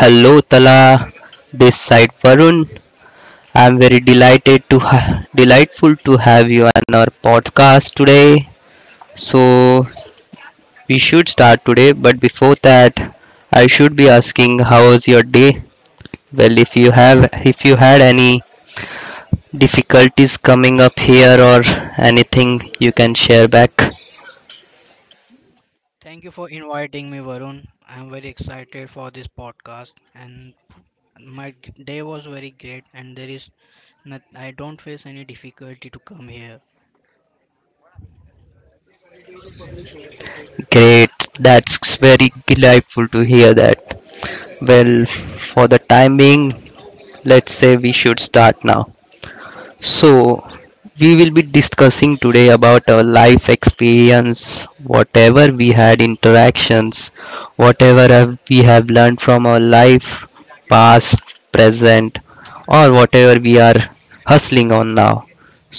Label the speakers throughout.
Speaker 1: Hello Tala, this side Varun. I'm very delighted to delightful to have you on our podcast today. So we should start today, but before that, I should be asking how was your day? Well, if you had any difficulties coming up here or anything, you can share back.
Speaker 2: Thank you for inviting me, Varun. I'm very excited for this podcast, and my day was very great. And there is, not, I don't face any difficulty to come here.
Speaker 1: Great, that's very delightful to hear that. Well, for the time being, let's say we should start now. So, we will be discussing today about our life experience, whatever we had interactions, whatever we have learned from our life, past, present, or whatever we are hustling on now.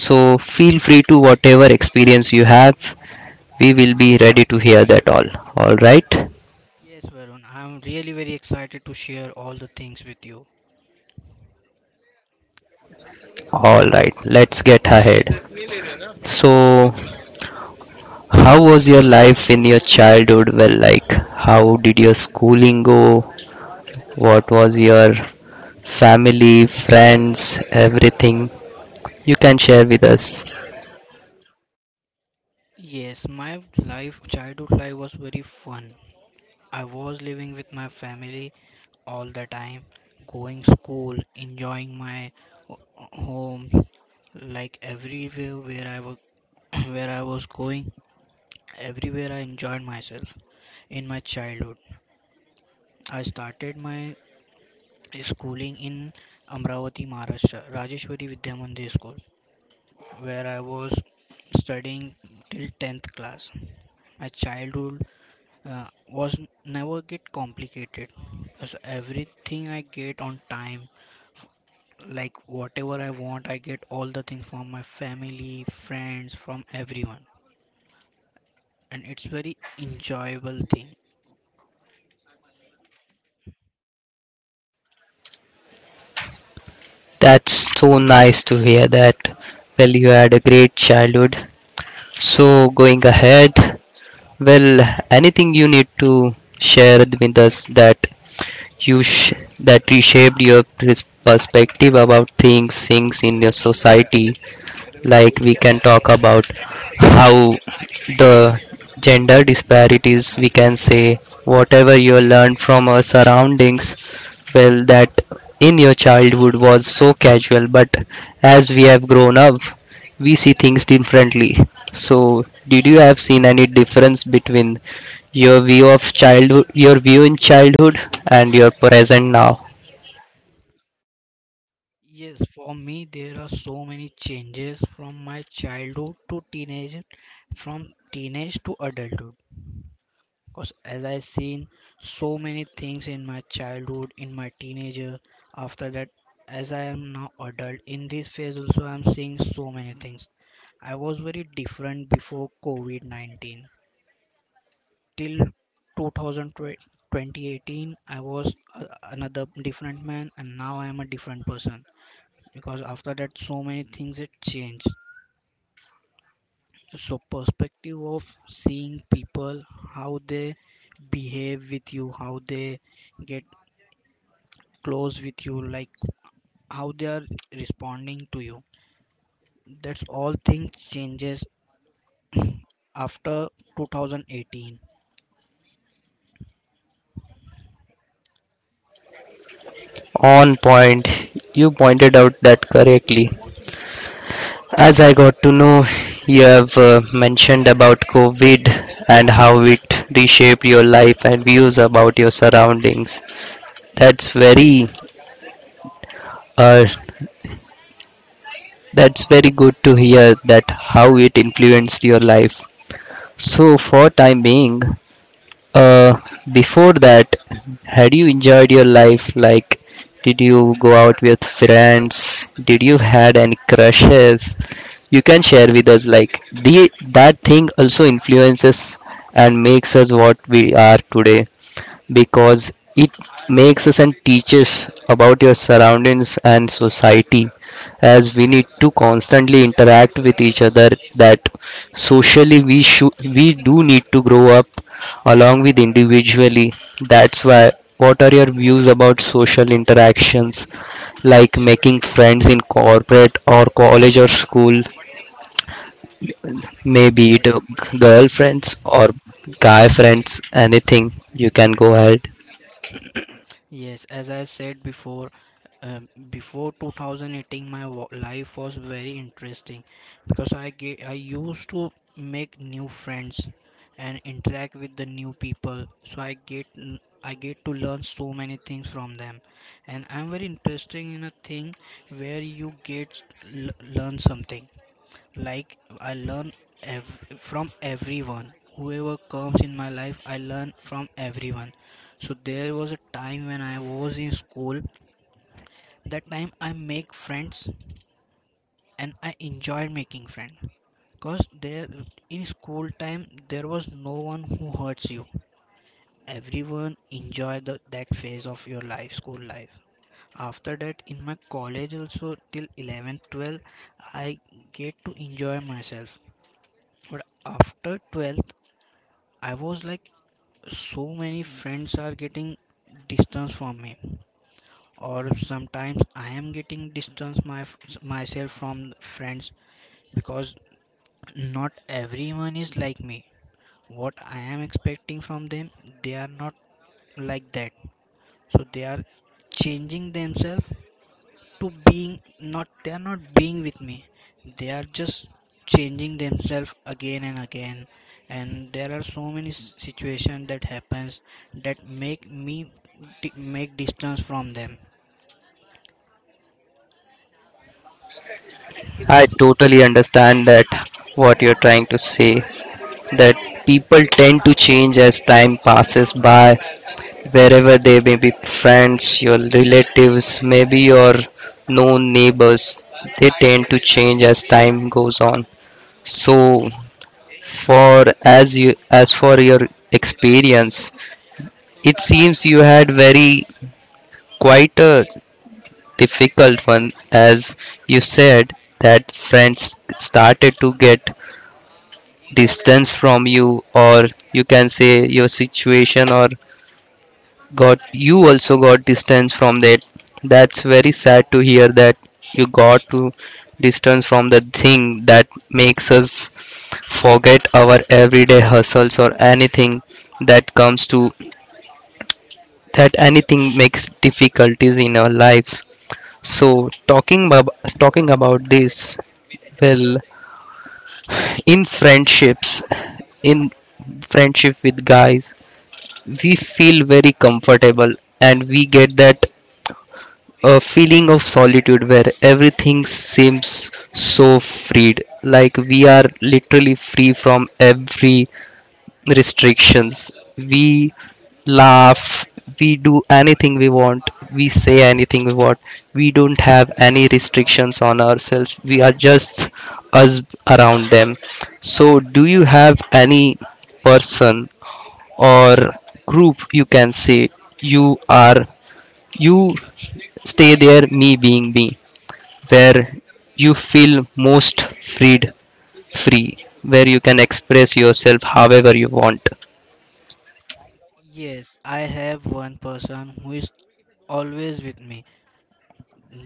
Speaker 1: So, feel free to whatever experience you have, we will be ready to hear that all. All right?
Speaker 2: Yes, Varun, I'm really very excited to share all the things with you.
Speaker 1: All right, let's get ahead. So, how was your life in your childhood? Well, like, how did your schooling go? What was your family, friends, everything? You can share with us.
Speaker 2: Yes, my life, childhood life was very fun. I was living with my family all the time, going school, enjoying my ho- home, like everywhere where I was, where I was going. Everywhere I enjoyed myself. In my childhood, I started my schooling in Amravati, Maharashtra, Rajeshwari Vidya Mandir School, where I was studying till 10th class. My childhood was never get complicated. So everything I get on time, like whatever I want, I get all the things from my family, friends, from everyone, and it's very enjoyable thing.
Speaker 1: That's so nice to hear that. Well, you had a great childhood. So, going ahead, well, anything you need to share with us that you sh- that reshaped your perspective about things, things in your society. Like we can talk about how the gender disparities, we can say whatever you learned from our surroundings, well, that in your childhood was so casual, but as we have grown up, we see things differently. So, did you have seen any difference between your view of childhood, your view in childhood, and your present now?
Speaker 2: Yes, for me, there are so many changes from my childhood to teenage, from teenage to adulthood. Because as I seen so many things in my childhood, in my teenager, after that, as I am now adult, in this phase also I am seeing so many things. I was very different before COVID-19. Till 2020, 2018, I was another different man, and now I am a different person, because after that so many things it changed. So perspective of seeing people, how they behave with you, how they get close with you, like how they are responding to you, that's all things changes after 2018.
Speaker 1: On point, you pointed out that correctly. As I got to know, you have mentioned about COVID and how it reshaped your life and views about your surroundings. That's very, uh, that's very good to hear that how it influenced your life. So for time being, uh, before that, had you enjoyed your life? Like, did you go out with friends? Did you had any crushes? You can share with us like the that thing also influences and makes us what we are today, because it makes us and teaches about your surroundings and society, as we need to constantly interact with each other, that socially we do need to grow up along with individually. That's why, what are your views about social interactions, like making friends in corporate or college or school? Maybe it
Speaker 2: Yes.
Speaker 1: girlfriends or guy friends, anything. You can go ahead.
Speaker 2: Yes, as I said before, before 2018, my life was very interesting, because I used to make new friends and interact with the new people. So I get to learn so many things from them, and I'm very interested in a thing where you get l- learn something, like I learn from everyone whoever comes in my life. I learn from everyone. So there was a time when I was in school, that time I make friends and I enjoyed making friends, because there in school time there was no one who hurts you. Everyone enjoy that phase of your life, school life. After that, in my college also till 11 12, I get to enjoy myself. But after 12 I was like, so many friends are getting distance from me, or sometimes I am getting distance my myself from friends, because not everyone is like me. What I am expecting from them, they are not like that. So they are changing themselves to being not, they are not being with me, they are just changing themselves again and again, and there are so many situations that happens that make me make distance from them.
Speaker 1: I totally understand that what you're trying to say, that people tend to change as time passes by, wherever they may be friends, your relatives, maybe your known neighbors, they tend to change as time goes on. So for as you as for your experience, it seems you had very quite a difficult one, as you said that friends started to get distance from you, or you can say your situation or got you also got distance from that. That's very sad to hear that you got to distance from the thing that makes us forget our everyday hustles or anything that comes to that anything makes difficulties in our lives. So talking about talking about this. Well, in friendships, in friendship with guys, we feel very comfortable and we get that feeling of solitude where everything seems so freed. Like we are literally free from every restrictions. We laugh, we do anything we want, we say anything we want. We don't have any restrictions on ourselves. We are just us around them. So, do you have any person or group, you can say, you are you stay there, me being me, where you feel most freed free, where you can express yourself however you want?
Speaker 2: Yes, I have one person who is always with me,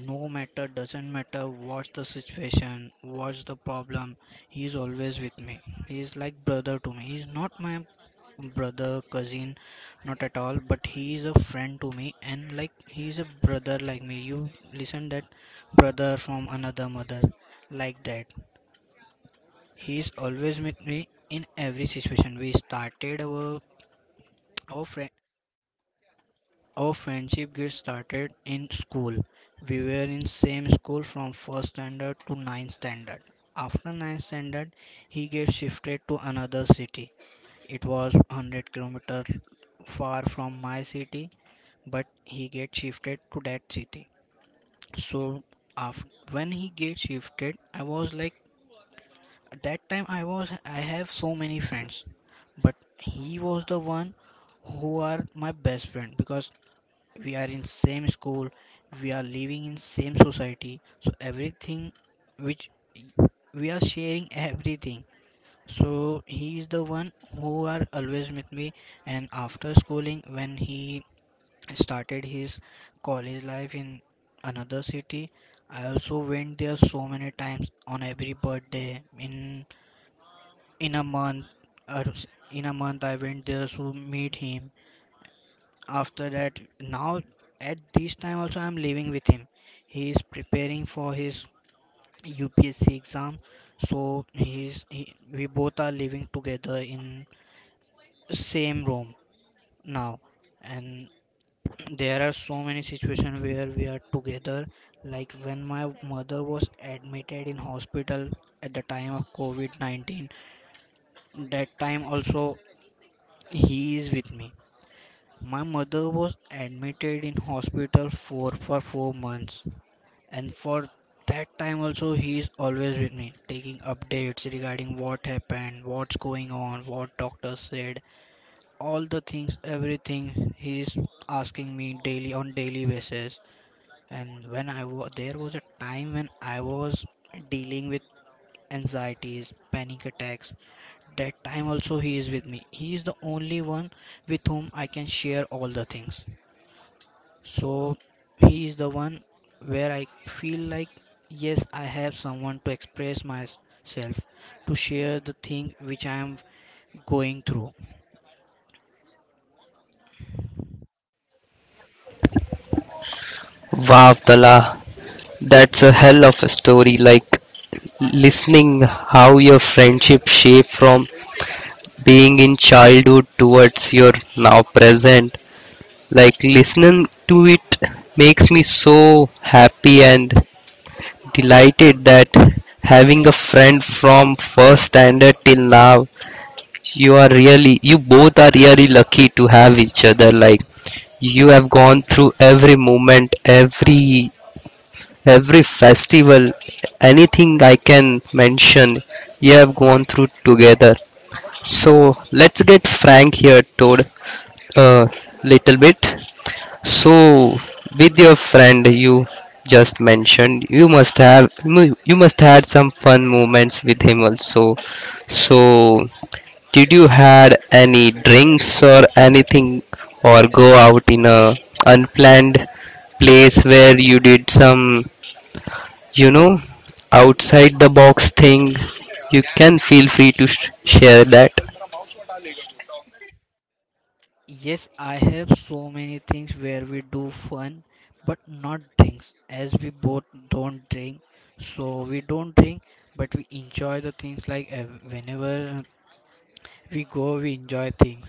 Speaker 2: no matter, doesn't matter what's the situation, what's the problem, he is always with me. He is like brother to me. He is not my brother, cousin, not at all. But he is a friend to me, and like he is a brother like me. You listen that brother from another mother, like that. He is always with me in every situation. We started our friend our friendship get started in school. We were in same school from first standard to ninth standard. After ninth standard, he gets shifted to another city. It was 100 kilometers far from my city, but he gets shifted to that city. So after, when he gets shifted, I was like, at that time I was, I have so many friends, but he was the one who are my best friend, because we are in same school, we are living in same society, so everything which we are sharing everything. So he is the one who are always with me. And after schooling, when he started his college life in another city, I also went there so many times on every birthday, in a month or s- in a month I went there to meet him. After that, now at this time also I'm living with him. He is preparing for his UPSC exam, so we both are living together in same room now, and there are so many situations where we are together, like when my mother was admitted in hospital at the time of COVID-19, that time also he is with me. My mother was admitted in hospital for 4 months, and for that time also he is always with me, taking updates regarding what happened, what's going on, what doctor said, all the things, everything. He is asking me daily on daily basis. And when I was there was a time when I was dealing with anxieties, panic attacks. That time also he is with me. He is the only one with whom I can share all the things. So he is the one where I feel like, yes, I have someone to express myself, to share the thing which I am going through.
Speaker 1: Wow, Tala, that's a hell of a story. Like listening how your friendship shaped from being in childhood towards your now present. Like listening to it makes me so happy and delighted that, having a friend from first standard till now, you are really, you both are really lucky to have each other. Like you have gone through every moment, every festival, anything I can mention, you have gone through together. So let's get frank here, Toad, a little bit. So with your friend you just mentioned, you must have you you must had some fun moments with him also. So did you had any drinks or anything, or go out in a unplanned place where you did some, you know, outside the box thing? You can feel free to share that.
Speaker 2: Yes, I have so many things where we do fun, but not drinks, as we both don't drink. So we don't drink, but we enjoy the things like, whenever we go, we enjoy things.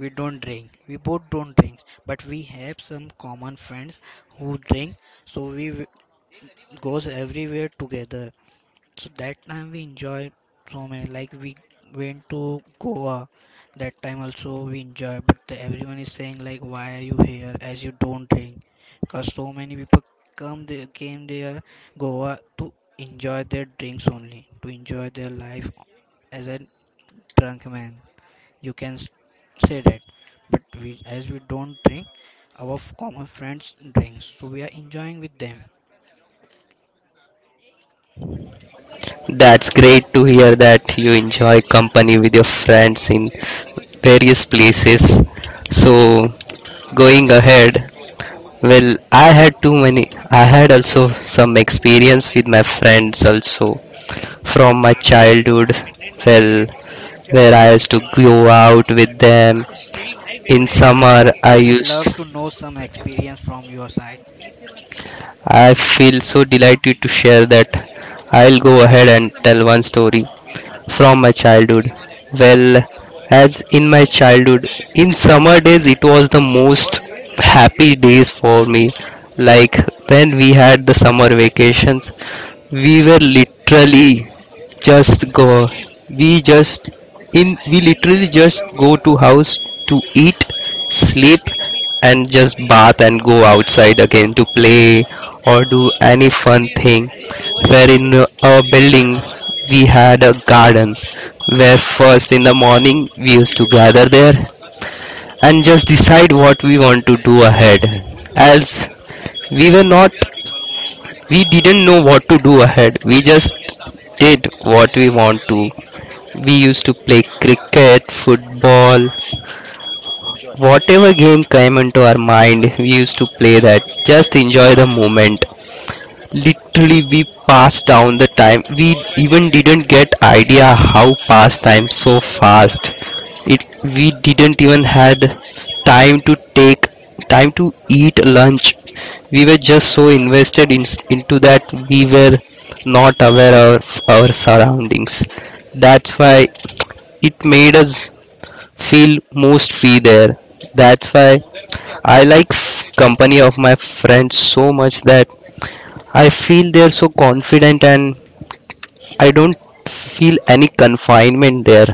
Speaker 2: We don't drink. We both don't drink, but we have some common friends who drink. So goes everywhere together. So that time we enjoyed so many. Like we went to Goa. That time also we enjoy. But everyone is saying like, why are you here? As you don't drink, because so many people came there Goa to enjoy their drinks only, to enjoy their life as a drunk man. You can say that. But we, as we don't drink, our common friends drinks, so we are enjoying with them.
Speaker 1: That's great to hear that you enjoy company with your friends in various places. So, going ahead, well, I had too many. I had also some experience with my friends also from my childhood. Well, where I used to go out with them in summer.
Speaker 2: Yes,
Speaker 1: I
Speaker 2: I would love to
Speaker 1: used
Speaker 2: know some experience from your side.
Speaker 1: I feel so delighted to share that. I'll go ahead and tell one story from my childhood. Well, as in my childhood, in summer days it was the most happy days for me. Like when we had the summer vacations, we were literally just go we just in we literally just go to house to eat, sleep, and just bath and go outside again to play or do any fun thing. Where in our building we had a garden, where first in the morning we used to gather there and just decide what we want to do ahead, as we were not we didn't know what to do ahead. We just did what we want to. We used to play cricket, football, whatever game came into our mind, we used to play that. Just enjoy the moment, literally we passed down the time, we even didn't get idea how passed time so fast. It we didn't even had time to take time to eat lunch. We were just so invested in, into that, we were not aware of our surroundings. That's why it made us feel most free there. That's why I like company of my friends so much that I feel they're so confident and I don't feel any confinement there.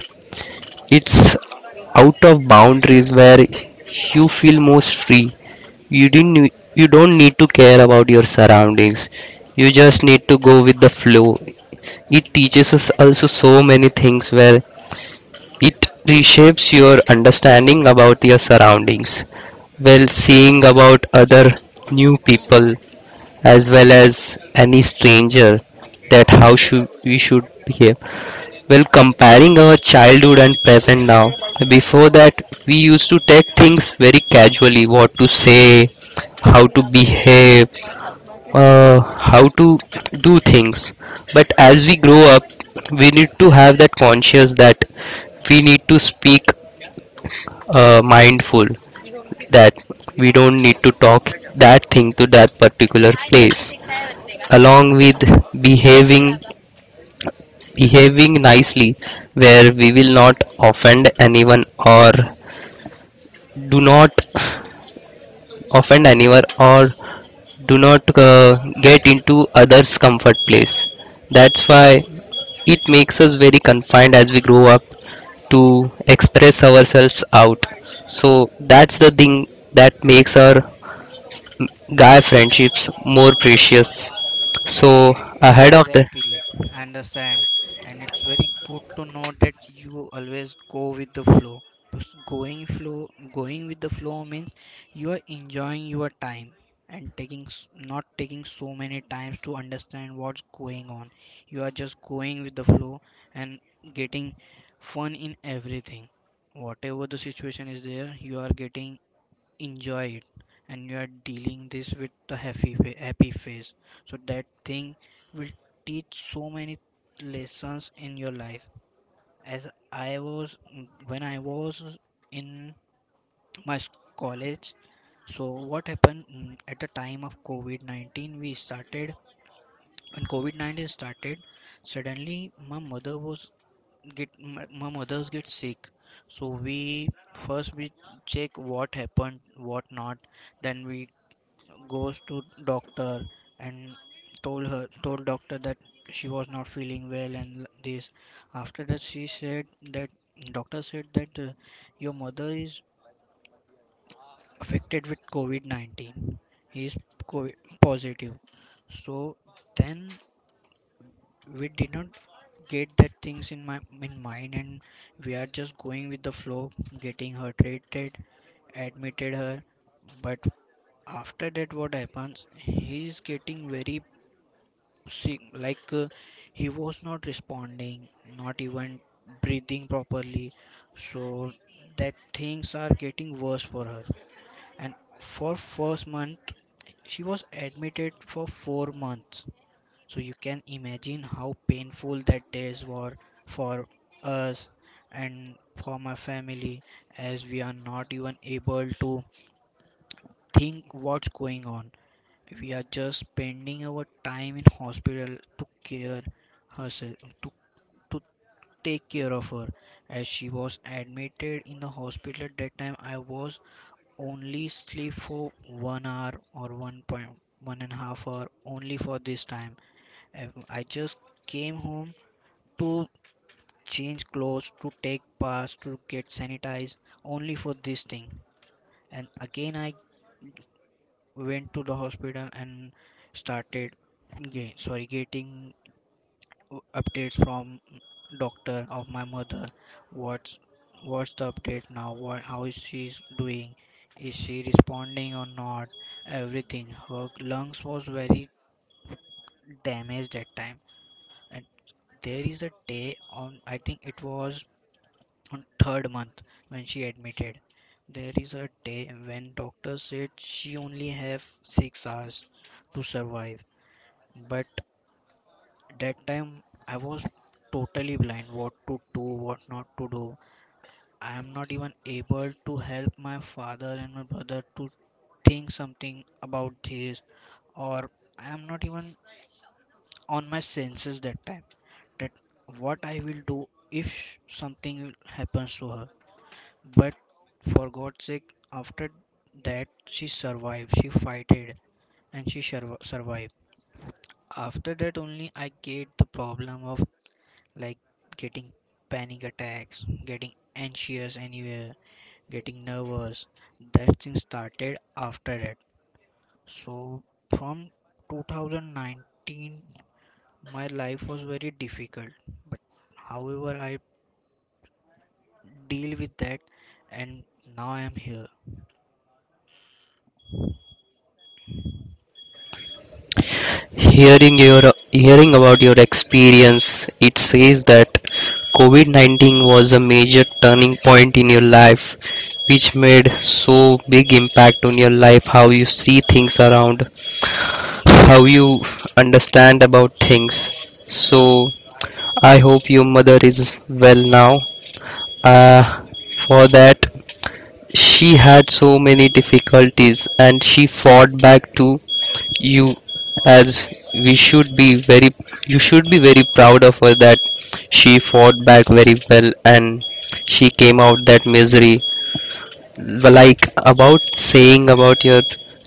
Speaker 1: It's out of boundaries where you feel most free. You didn't you don't need to care about your surroundings. You just need to go with the flow. It teaches us also so many things where it reshapes your understanding about your surroundings. Well, seeing about other new people as well as any stranger, that how should we should behave. Well, comparing our childhood and present now, before that, we used to take things very casually, what to say, how to behave, how to do things. But as we grow up, we need to have that conscious that we need to speak mindful, that we don't need to talk that thing to that particular place, along with behaving behaving nicely, where we will not offend anyone, or do not offend anyone, or do not get into others comfort place. That's why it makes us very confined as we grow up to express ourselves out. So that's the thing that makes our guy friendships more precious. So, ahead of the
Speaker 2: Exactly, I understand. And it's very good to know that you always go with the flow. Because going flow, going with the flow means you are enjoying your time and not taking so many times to understand what's going on. You are just going with the flow and getting fun in everything. Whatever the situation is there, you are getting enjoy it, and you are dealing this with the happy happy phase. So that thing will teach so many lessons in your life. As I was, when I was in my college, so what happened, at the time of COVID-19 we started, when COVID-19 started, suddenly my mother was get my mother's get sick. So we, first we check what happened, what not, then we goes to doctor and told doctor that she was not feeling well and this. After that she said that doctor said that your mother is affected with COVID-19, he is COVID positive. So then we did not get that things in my in mind, and we are just going with the flow, getting her treated, admitted her. But after that what happens, he is getting very, see, like he was not responding, not even breathing properly. So that things are getting worse for her. And for first month, she was admitted for 4 months. So you can imagine how painful that days were for us and for my family, as we are not even able to think what's going on. We are just spending our time in hospital to care herself, to, to take care of her. As she was admitted in the hospital, at that time I was only sleep for 1 hour or 1.1 and a half hour only for this time. And I just came home to change clothes, to take bath, to get sanitized, only for this thing, and again I went to the hospital and started Ga- sorry getting updates from doctor of my mother. What's what's the update now? What How is she doing? Is she responding or not? Everything. Her lungs was very damaged that time. And there is a day on, I think it was on third month when she admitted. There is a day when doctor said she only have 6 hours to survive. But that time I was totally blind what to do, what not to do. I am not even able to help my father and my brother to think something about this, or I am not even on my senses that time, that what I will do if something happens to her. But for God's sake, after that she survived, she fighted and she survived. After that only I get the problem of, like, getting panic attacks, getting anxious anywhere, getting nervous. That thing started after that. So from 2019, my life was very difficult. But however, I deal with that, and now I am here.
Speaker 1: hearing your hearing about your experience, it says that COVID-19 was a major turning point in your life, which made so big impact on your life, how you see things around, how you understand about things. So I hope your mother is well now. uh, for that, she had so many difficulties and she fought back. To you, as we should be very you should be very proud of her that she fought back very well and she came out that misery. Well, like about saying about your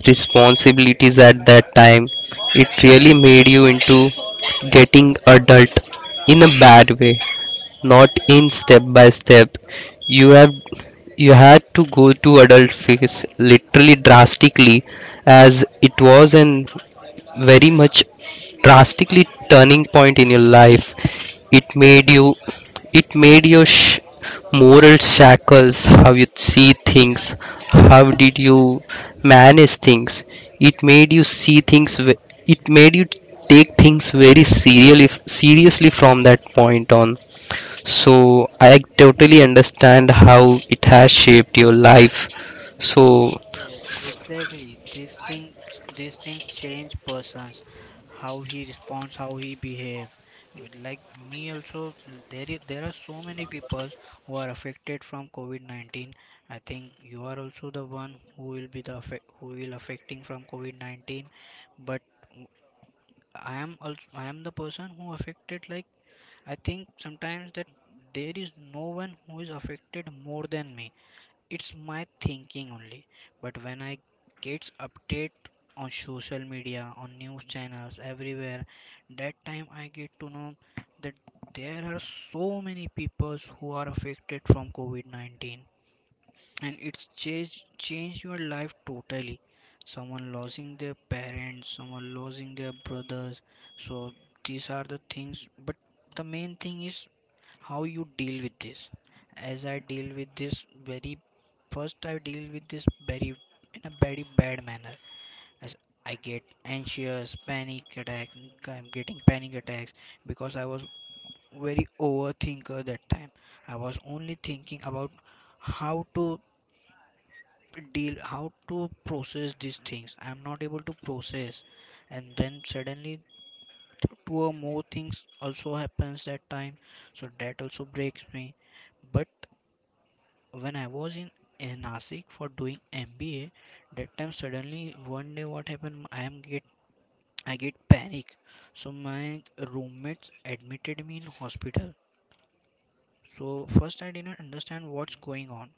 Speaker 1: responsibilities at that time, it really made you into getting adult in a bad way, not in step by step. You have you had to go to adult phase literally drastically, as it was an very much drastically turning point in your life. It made you, it made your moral shackles, how you see things, how did you manage things. It made you see things. It made you take things very seriously from that point on. So I totally understand how it has shaped your life. So
Speaker 2: Yes, exactly. These things change persons, how he responds, how he behave. Like me also, there is, there are so many people who are affected from COVID-19. I think you are also the one who will be the affect, who will affecting from COVID-19. But w- I am also, I am the person who affected. Like I think sometimes that there is no one who is affected more than me. It's my thinking only. But when I gets update on social media, on news channels, everywhere, that time I get to know that there are so many people who are affected from COVID-19, and it's changed your life totally. Someone losing their parents, someone losing their brothers. So these are the things. But the main thing is how you deal with this. As I deal with this very, first I deal with this very in a very bad manner, as I get anxious panic attacks, I'm getting panic attacks, because I was very overthinker that time. I was only thinking about how to deal, how to process these things. I'm not able to process, and then suddenly two or more things also happens that time, so that also breaks me. But when I was in Nasik for doing MBA, that time suddenly one day what happened? I get panic. So my roommates admitted me in hospital. So first I didn't understand what's going on,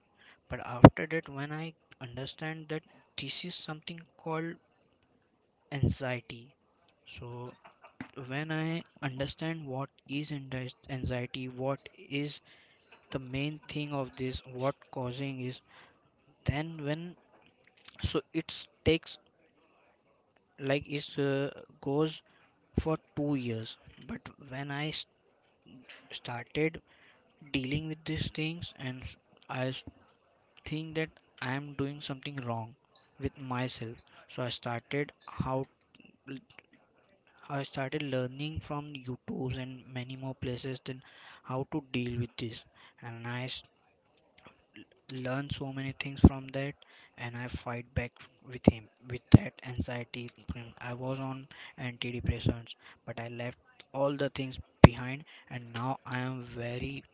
Speaker 2: but after that when I understand that this is something called anxiety. So when I understand what is anxiety, what is the main thing of this, what causing is, then when, so it takes like it goes for 2 years. But when started dealing with these things, and i s- think that I am doing something wrong with myself, so I started how I started learning from youtube and many more places, then how to deal with this, and learn so many things from that, and I fight back with him, with that anxiety thing. I was on antidepressants, but I left all the things behind, and now I am very,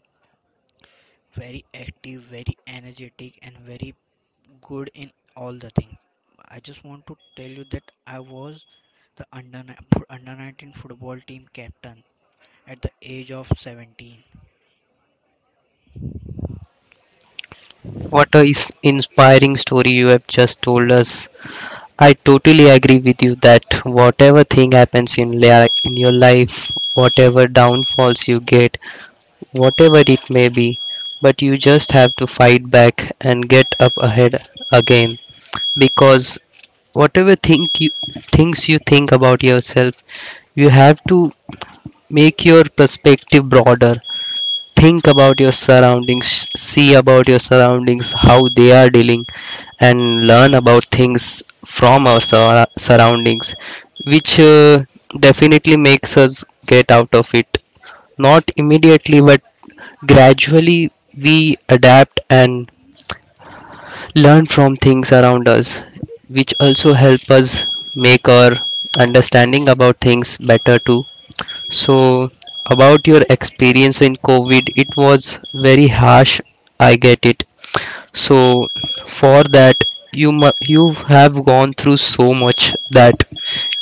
Speaker 2: very active, very energetic, and very good in all the things. I just want to tell you that I was the under 19 football team captain at the age of 17.
Speaker 1: what a is inspiring story you have just told us. I totally agree with you that whatever thing happens in, in your life, whatever downfalls you get, whatever it may be, but you just have to fight back and get up ahead again, because whatever think you things you think about yourself, you have to make your perspective broader, think about your surroundings, see about your surroundings how they are dealing, and learn about things from our surroundings, which definitely makes us get out of it, not immediately but gradually. We adapt and learn from things around us, which also help us make our understanding about things better too. So, about your experience in COVID, it was very harsh. I get it. So, for that, you have gone through so much that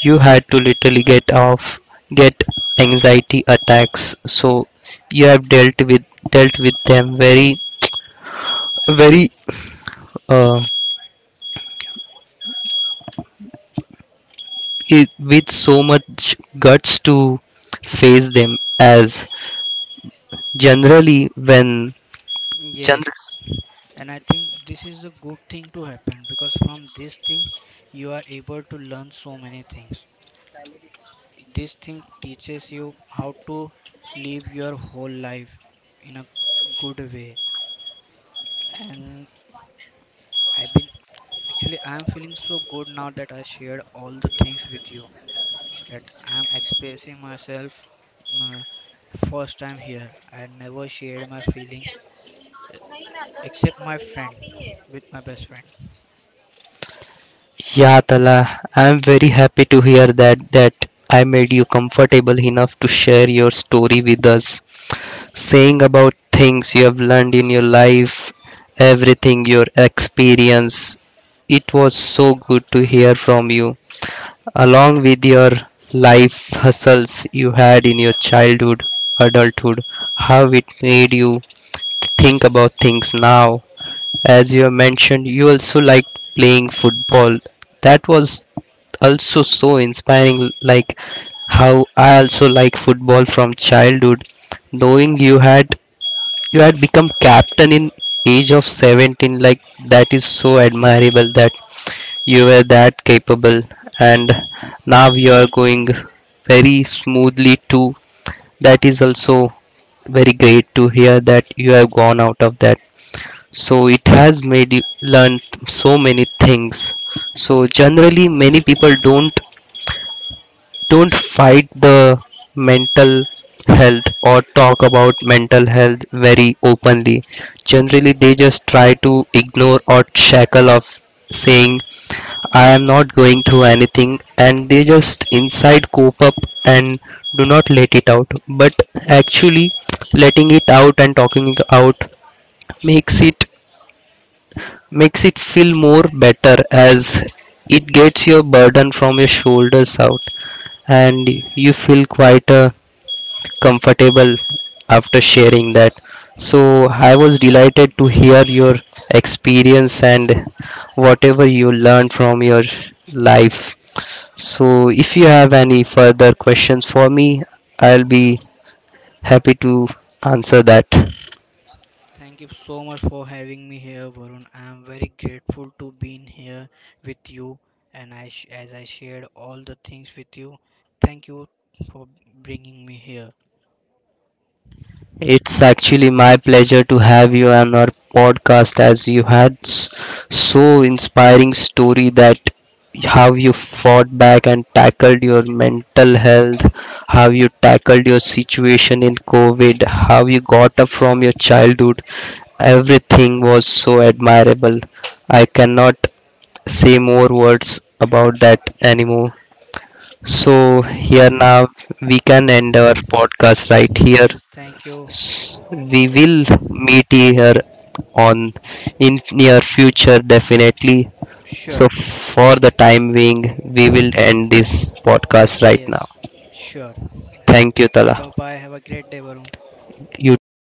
Speaker 1: you had to literally get anxiety attacks. So, you have dealt with them very uh, i- with so much guts to face them, as generally when generally.
Speaker 2: Yes, and I think this is a good thing to happen, because from this thing you are able to learn so many things. This thing teaches you how to live your whole life in a good way. And I've been, actually I am feeling so good now that I shared all the things with you, that I am expressing myself, uh, first time here. I never shared my feelings except my friend, with my best friend.
Speaker 1: Yeah, Tala, I'm very happy to hear that that I made you comfortable enough to share your story with us. Saying about things you have learned in your life, everything your experience. It was so good to hear from you. Along with your life hustles you had in your childhood, adulthood, how it made you think about things now. As you have mentioned, you also liked playing football. That was also so inspiring, like how I also like football from childhood. Knowing you had become captain in age of 17, like that is so admirable that you were that capable, and now you are going very smoothly too. That is also very great to hear that you have gone out of that, so it has made you learn so many things. So generally many people don't fight the mental health or talk about mental health very openly. Generally they just try to ignore, or shackle of saying I am not going through anything, and they just inside cope up and do not let it out. But actually letting it out and talking it out makes it makes it feel more better, as it gets your burden from your shoulders out, and you feel quite comfortable after sharing that. So, I was delighted to hear your experience and whatever you learned from your life. So, if you have any further questions for me, I'll be happy to answer that.
Speaker 2: Thank you so much for having me here, Varun. I am very grateful to being here with you, and as I shared all the things with you. Thank you for bringing me here.
Speaker 1: It's actually my pleasure to have you on our podcast, as you had so inspiring story, that how you fought back and tackled your mental health, how you tackled your situation in COVID, how you got up from your childhood. Everything was so admirable. I cannot say more words about that anymore. So here now we can end our podcast right here.
Speaker 2: Yes, thank you.
Speaker 1: S- we will meet here on in near future definitely. So
Speaker 2: Sure.
Speaker 1: for the time being, we will end this podcast right now.
Speaker 2: Yes, sure.
Speaker 1: Thank you, Tala.
Speaker 2: Bye bye. Have a great day, Varun.
Speaker 1: You too.